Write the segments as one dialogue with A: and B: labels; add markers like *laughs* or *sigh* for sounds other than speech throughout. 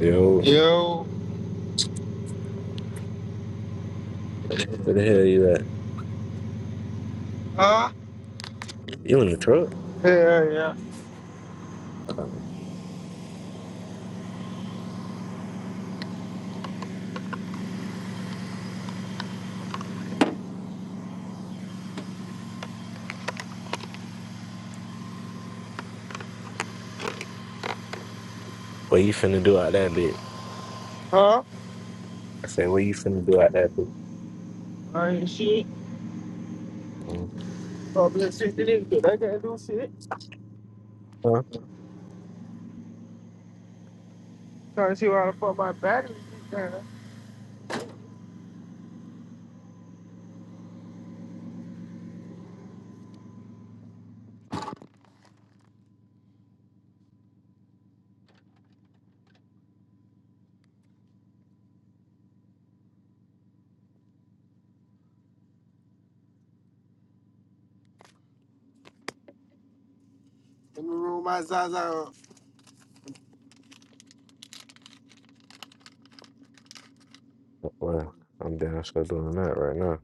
A: Yo,
B: Yo,
A: where the hell you at?
B: huh?
A: You in the truck?
B: Yeah, yeah.
A: Um, What you finna do out that bitch?
B: Huh?
A: I said, what you finna do out that bitch?
B: I ain't shit.
A: Um,
B: Public safety nigga, they can't do shit.
A: Huh?
B: Trying to see where the fuck my battery is down. Let me roll my Zaza up.
A: Well, I'm downstairs doing that right now.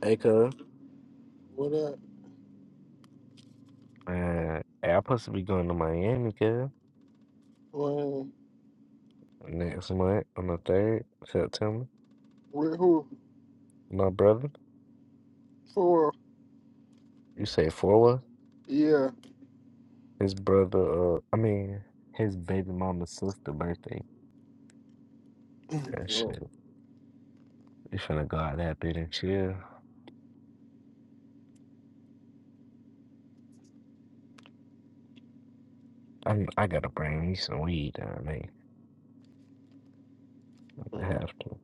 A: Hey, cuz.
B: What up?
A: Man, hey, I'm supposed to be going to Miami, cuz.
B: When?
A: Next month, on the 3rd, September.
B: With who?
A: My brother,
B: For?
A: you say four was?
B: Yeah.
A: His brother, uh, I mean, his baby mama's sister birthday. That
B: Oh.
A: shit. You finna go out that bitch and chill. I I gotta bring me some weed down there. I
B: mm.
A: have to.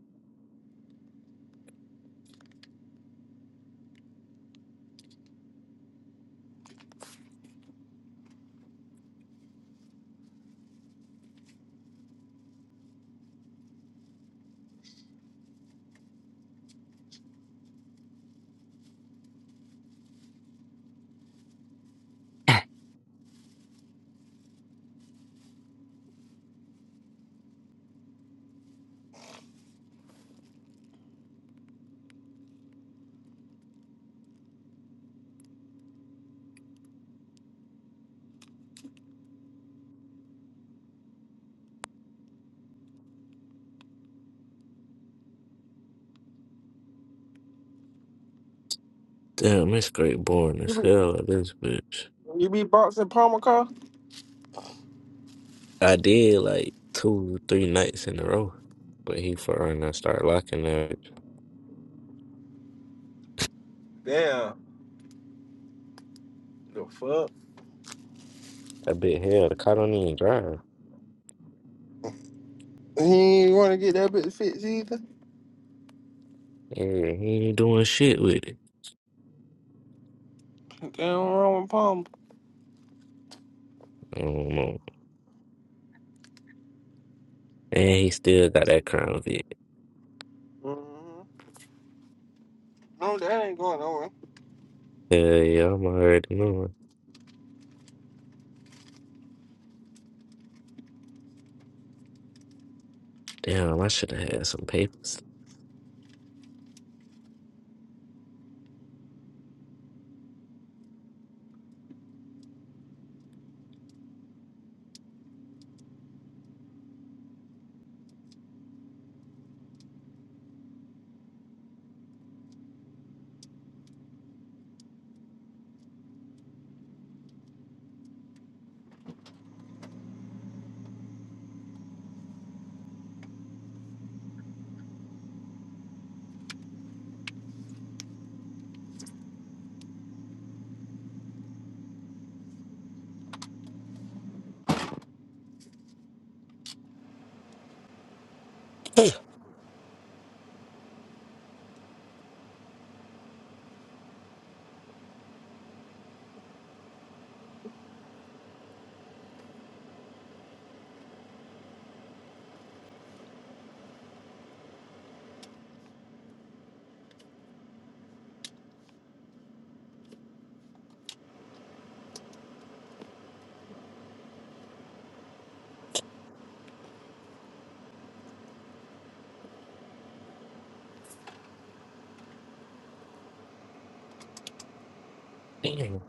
A: Damn, it's great boring
B: You
A: as
B: be,
A: hell at this bitch.
B: you be boxing Palmer car?
A: I did like two, three nights in a row, but he and I started locking that.
B: Damn. The fuck?
A: I bet hell, the car don't even drive.
B: He ain't want to get that bitch fixed either.
A: Yeah, he ain't doing shit with it.
B: Damn wrong with Palmer.
A: I don't know. And he still got that crown vid.
B: hmm No, that ain't going nowhere.
A: Hell yeah, I'm already knowing. Damn, I should have had some papers. *sighs* *clears throat* Damn.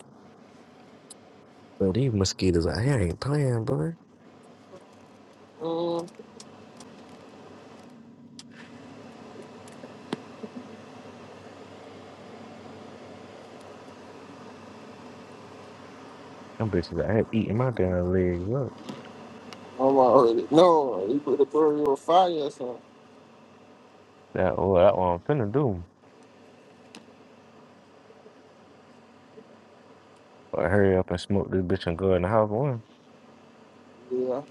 A: But these mosquitoes out here ain't playing, boy.
B: Mm.
A: Them bitches out here eating my damn legs up.
B: I'm already. No, he put the burger on fire or something.
A: That, oh, that what I'm finna do. Or hurry up and smoke this bitch and go in the house. one.
B: Yeah.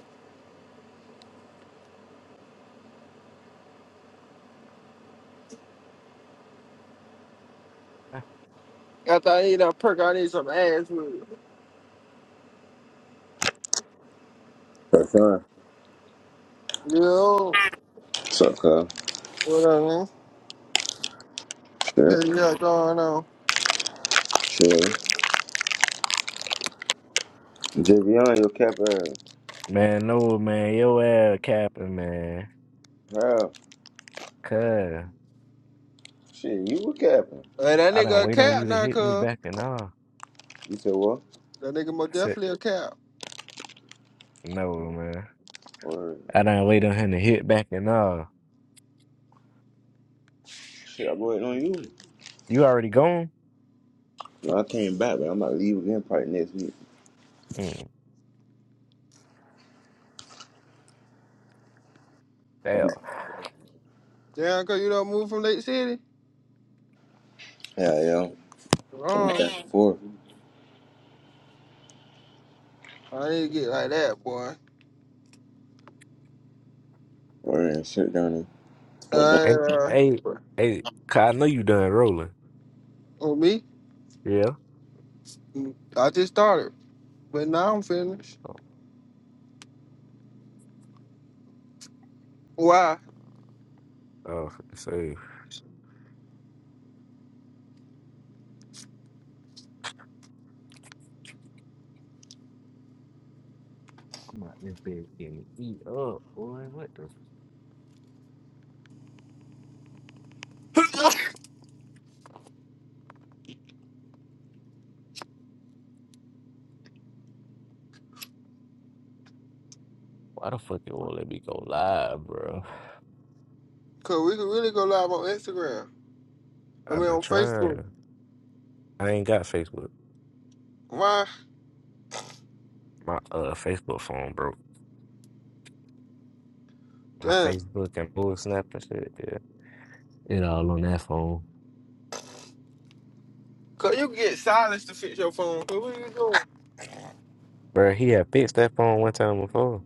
B: After I eat that perk, I need some ass with
C: That's fine.
B: Yo,
C: What's up, Kyle?
B: what up, man?
C: Sure.
B: Hey, you got going on?
C: Sure. Javion, your cap ass.
A: Man, no, man, your ass capping, man.
C: How?
A: Cuz
C: Shit, you were capping.
B: Hey, that
A: I done
B: nigga a
A: wait on
B: cat
A: you to
B: now,
A: hit me
B: cuz.
A: back and all.
C: You said what?
B: That nigga
A: I
B: most
A: said,
B: definitely a cat.
A: no, man.
C: Or
A: I done wait on him to hit back and all.
C: shit, I'm waiting on you.
A: You already gone?
C: No, I came back, but I'm about to leave again probably next week.
A: Mm,
C: I'll be
A: damn.
B: Damn, cuz you don't move from Lake City?
C: yeah, yeah. I'll be back
B: Wrong.
C: and forth.
B: I need to get like that, boy.
C: Or and shit down there. Well, down.
B: Uh,
A: And,
B: uh,
A: hey, hey, cuz I know you done rolling.
B: on me?
A: Yeah.
B: I just started, but now I'm finished.
A: Oh,
B: Why?
A: oh save. I'm like, this bitch getting eat up, boy. What the? Why the fuck you won't let me go live, bro?
B: Cause we could really go live on Instagram. I
A: I've
B: mean,
A: been
B: on Facebook.
A: trying. I ain't got Facebook.
B: Why?
A: My uh Facebook phone broke. my
B: Damn.
A: Facebook and Google Snap and shit. Yeah, it all on that phone.
B: Cause you can get silence to fix your phone. Cause what are you
A: Bro, he had fixed that phone one time before,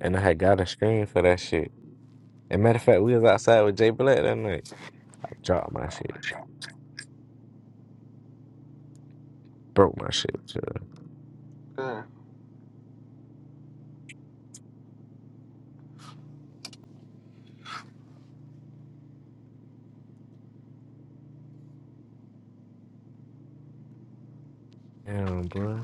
A: and I had got a screen for that shit. And matter of fact, we was outside with Jay Black that night. I dropped my shit, broke my shit.
B: doing?
A: Damn, boy.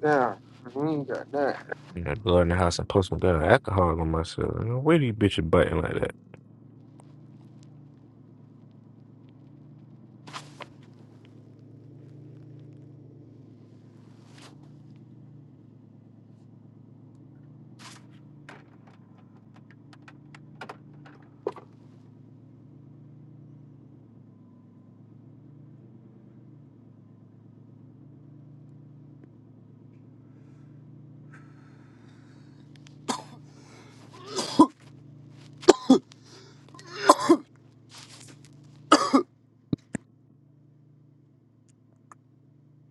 B: Nah, we ain't got that.
A: You know, go in the house and post some gun alcohol on myself. You know, where these bitches biting like that?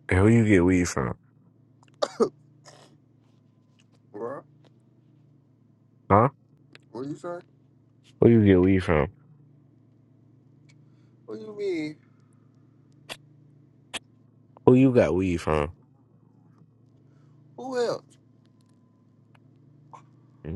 A: And who you get weed from?
B: What?
A: Huh?
B: What you say?
A: Who you get weed from?
B: What do you mean?
A: Who you got weed from?
B: Who else?
A: hmm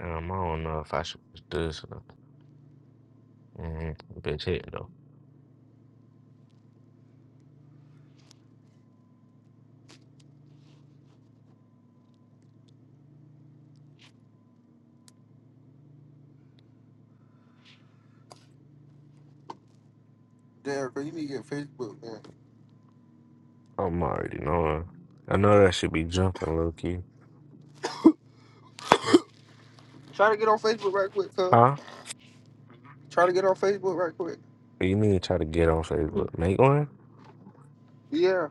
A: Um, I don't know if I should do this. Or not. hmm Bitch hit no.
B: Derek, you need to get Facebook, man.
A: I'm already knowing. I know that should be jumping, low key.
B: Try to get on Facebook right quick, cuz.
A: Huh?
B: Try to get on Facebook right quick.
A: You need to try to get on Facebook. Make one?
B: Yeah.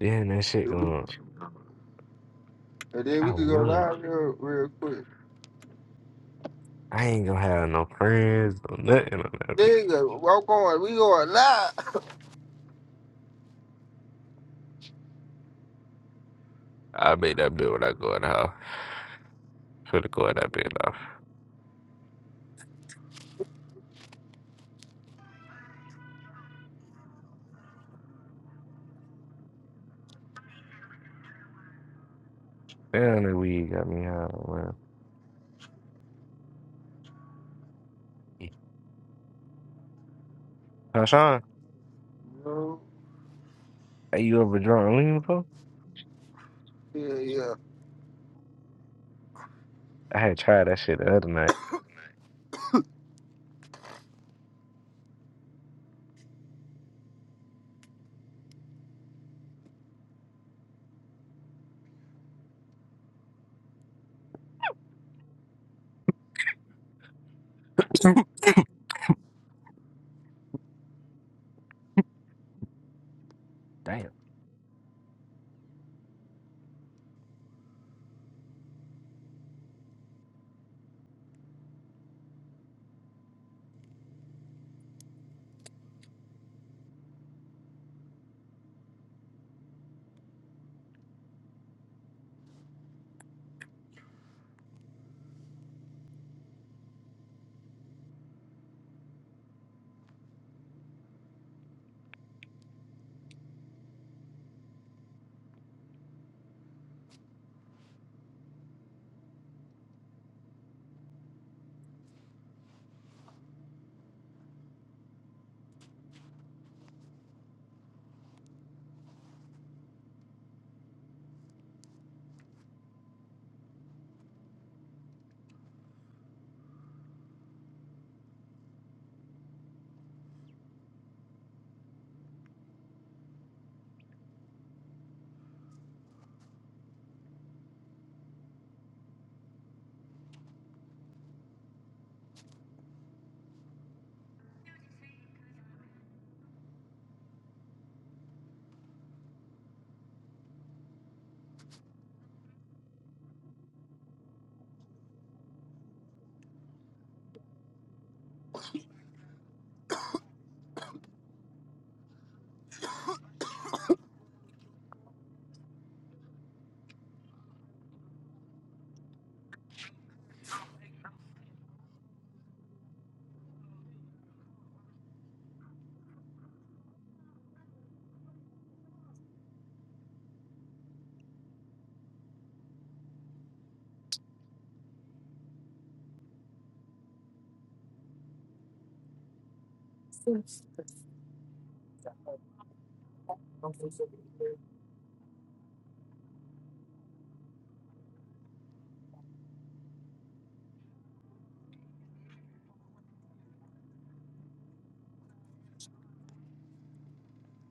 A: Then that shit
B: And
A: going.
B: then
A: I
B: we can go
A: would.
B: live real, real quick.
A: I ain't gonna have no friends or nothing on that bitch.
B: Nigga, We're going, We going live.
A: I made that bill when I go in the house. Should have go in that bit off. Damn, the weed got me high, man. Huh, Sean?
B: *laughs* no.
A: Are you ever drunk lean before?
B: Yeah, yeah.
A: I had tried that shit the other night. *laughs* Damn.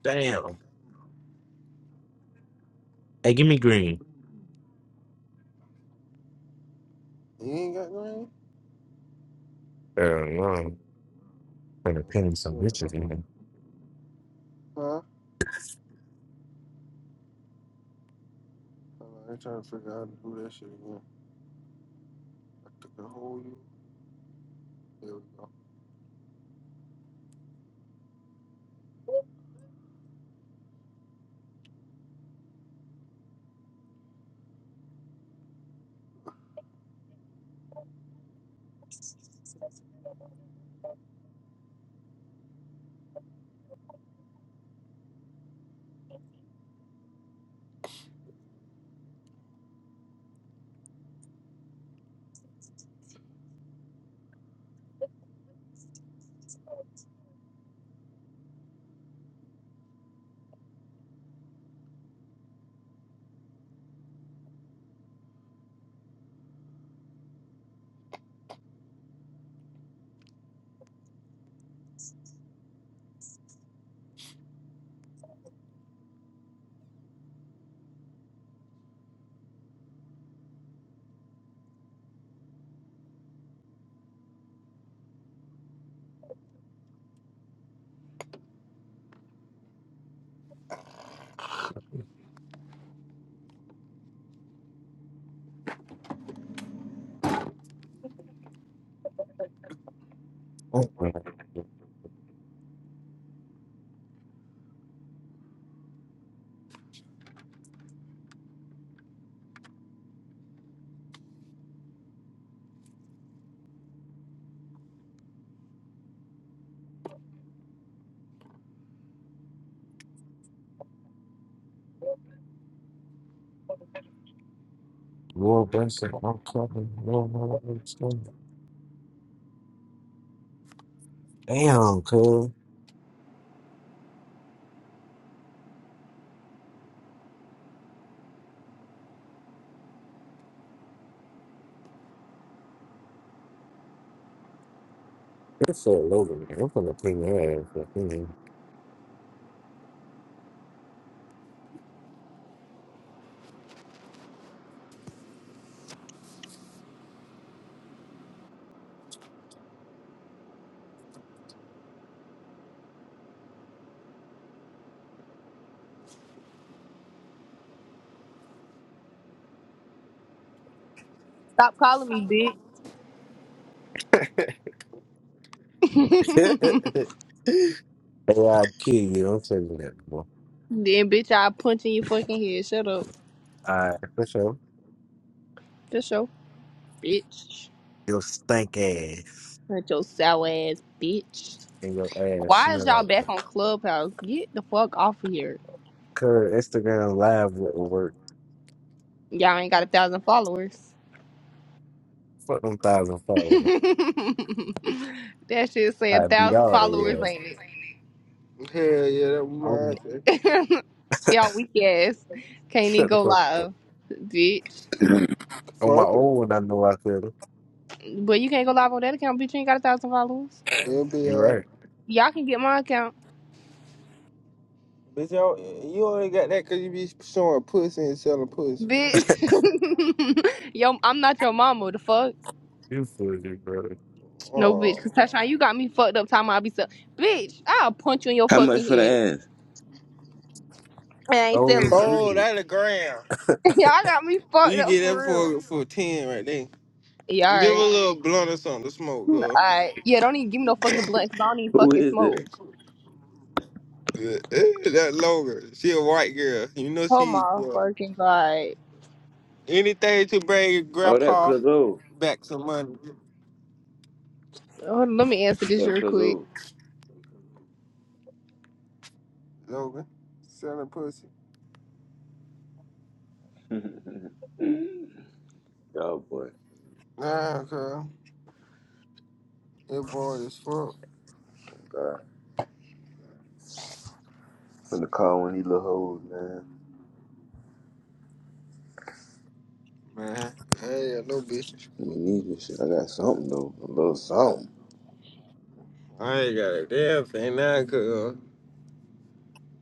A: Damn. Hey, give me green.
B: You ain't got nothing?
A: Hell no. Gonna
B: Oh,
A: pin
B: shit.
A: some bitches in here.
B: Huh? I'm trying to figure out how to do that shit again. I took the whole you. There we go.
A: Oh, no. Lord bless him. I'm clapping. Lord, Lord, Lord, Lord. Damn, cool. You're so low to me. I'm gonna pin your ass. up in
D: Stop calling me bitch. *laughs*
A: *laughs* hey, I kill you. I'm telling you that, boy.
D: then bitch, I'll punch in your fucking head. Shut up.
A: Alright, for sure.
D: That's your bitch.
A: Your stank ass
D: Hurt your sour ass bitch.
A: and your ass
D: Why is
A: smell
D: y'all
A: like
D: back
A: that.
D: on Clubhouse? Get the fuck off of here.
A: Cause Instagram live wouldn't work.
D: Y'all ain't got a thousand followers.
A: Fuck them thousand
D: *laughs*
A: fold.
D: that shit say a
A: I beat
D: thousand
A: all they
D: followers,
A: was.
D: ain't
B: Hell yeah, that was
A: I'm
B: my thing.
D: it? *laughs* y'all weak ass. Can't even
A: shut the
D: go
A: fuck up.
D: live, bitch.
C: *clears throat*
A: On my
B: Fuck it.
A: own one, I know I could.
D: But you can't go live on that account, bitch. You ain't got a thousand followers.
B: It'll be
A: You
B: alright.
A: right.
D: Y'all can get my account.
B: Bitch, y'all, you only got that because you be showing pussy and selling pussy.
D: Bitch, *laughs* yo, I'm not your mama. The fuck,
A: You foolish, brother.
D: no, bitch. Cause
B: Oh,
D: Tashawn, you got me fucked up. Time I be so, bitch. I'll punch you in your
C: How much
D: fucking
C: for the
D: head.
C: ass?
D: I ain't
A: Oh
D: selling it.
B: oh,
A: shit.
B: that a gram.
D: *laughs*
A: *laughs*
D: Y'all got me fucked
B: You
D: up
B: get that
D: for real.
B: for for ten right there.
D: Yeah,
B: Give
D: all
B: her
D: right,
B: a little blunt or something to smoke,
D: all
B: huh?
D: right. Yeah, don't even give me no fucking blunt. Cause I don't even
C: Who
D: fucking
C: is
D: smoke.
C: that?
B: Yeah, eh, that Logan, she a white girl. You know
D: Oh
B: she
D: my
B: uh,
D: fucking god.
B: anything to bring your
C: Oh, that
B: grandpa
C: Cuzzo.
B: back some money.
D: Oh, let me answer this
C: That
D: real quick.
C: Cuzzo.
B: Logan, selling pussy.
C: Oh boy.
B: Nah, girl, it bored as fuck,
C: God. From the car when these little hoes, man.
B: man. I ain't got no business.
C: I mean, need this shit. I got something though. A little something.
B: I ain't got a damn thing now, girl.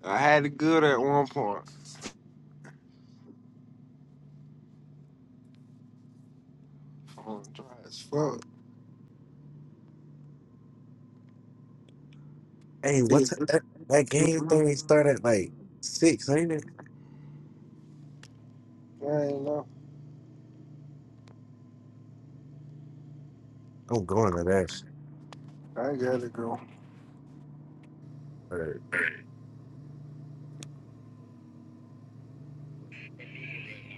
B: I had it good at one point. Oh, dry as fuck.
A: Hey,
B: Hey,
A: what's
B: Is it-
A: that, that
B: it's
A: game thing start at like six, ain't it?
B: I ain't know.
A: I'm going to that shit.
B: I gotta go.
A: Word.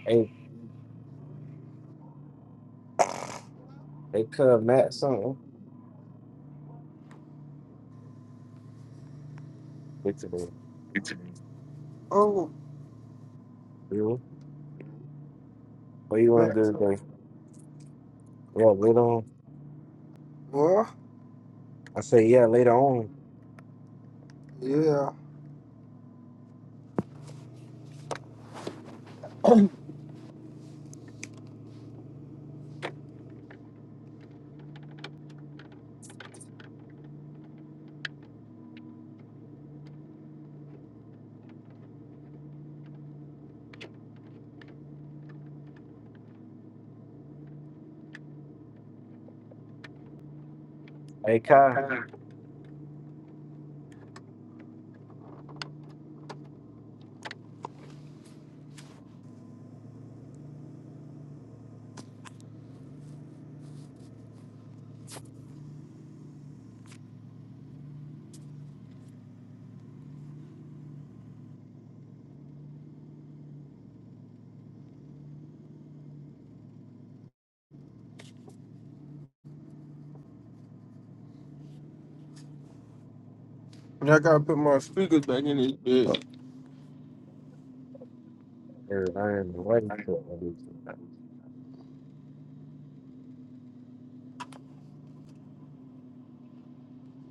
A: Hey, they cut Matt something. Get to the
B: Oh,
A: deal. What you want
B: back
A: to do
B: to
A: today? Yeah, later on.
B: well,
A: I say, yeah, later on.
B: yeah. *clears throat*
A: Hey, Kai.
B: Okay. And I gotta put my speakers back in this bitch.
A: Or I am waiting for it.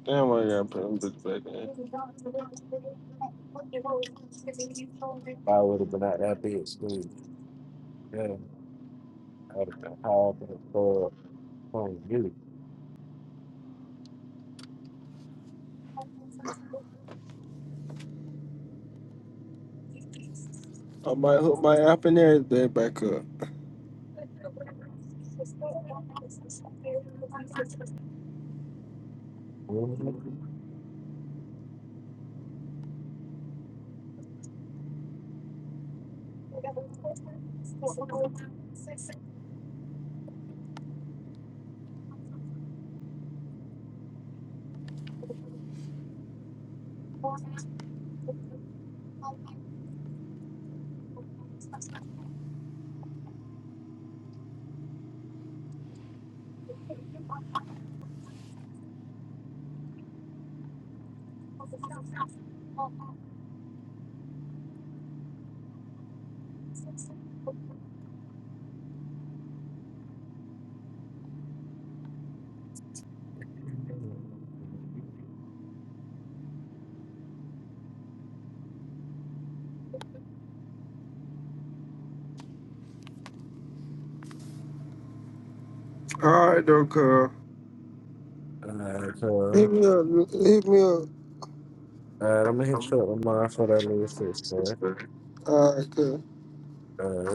B: Damn, I gotta put them bitch back in.
A: I would have been out that big school. Yeah. out of the hall for on you.
B: I might hook my app and everything back up.
A: Mhm.
B: All right, though, cuz.
A: Alright, so
B: Hit me up. Hit me up.
A: alright, I'm gonna hit you up tomorrow for that little six, boy.
B: All right, cuz.
A: Alright.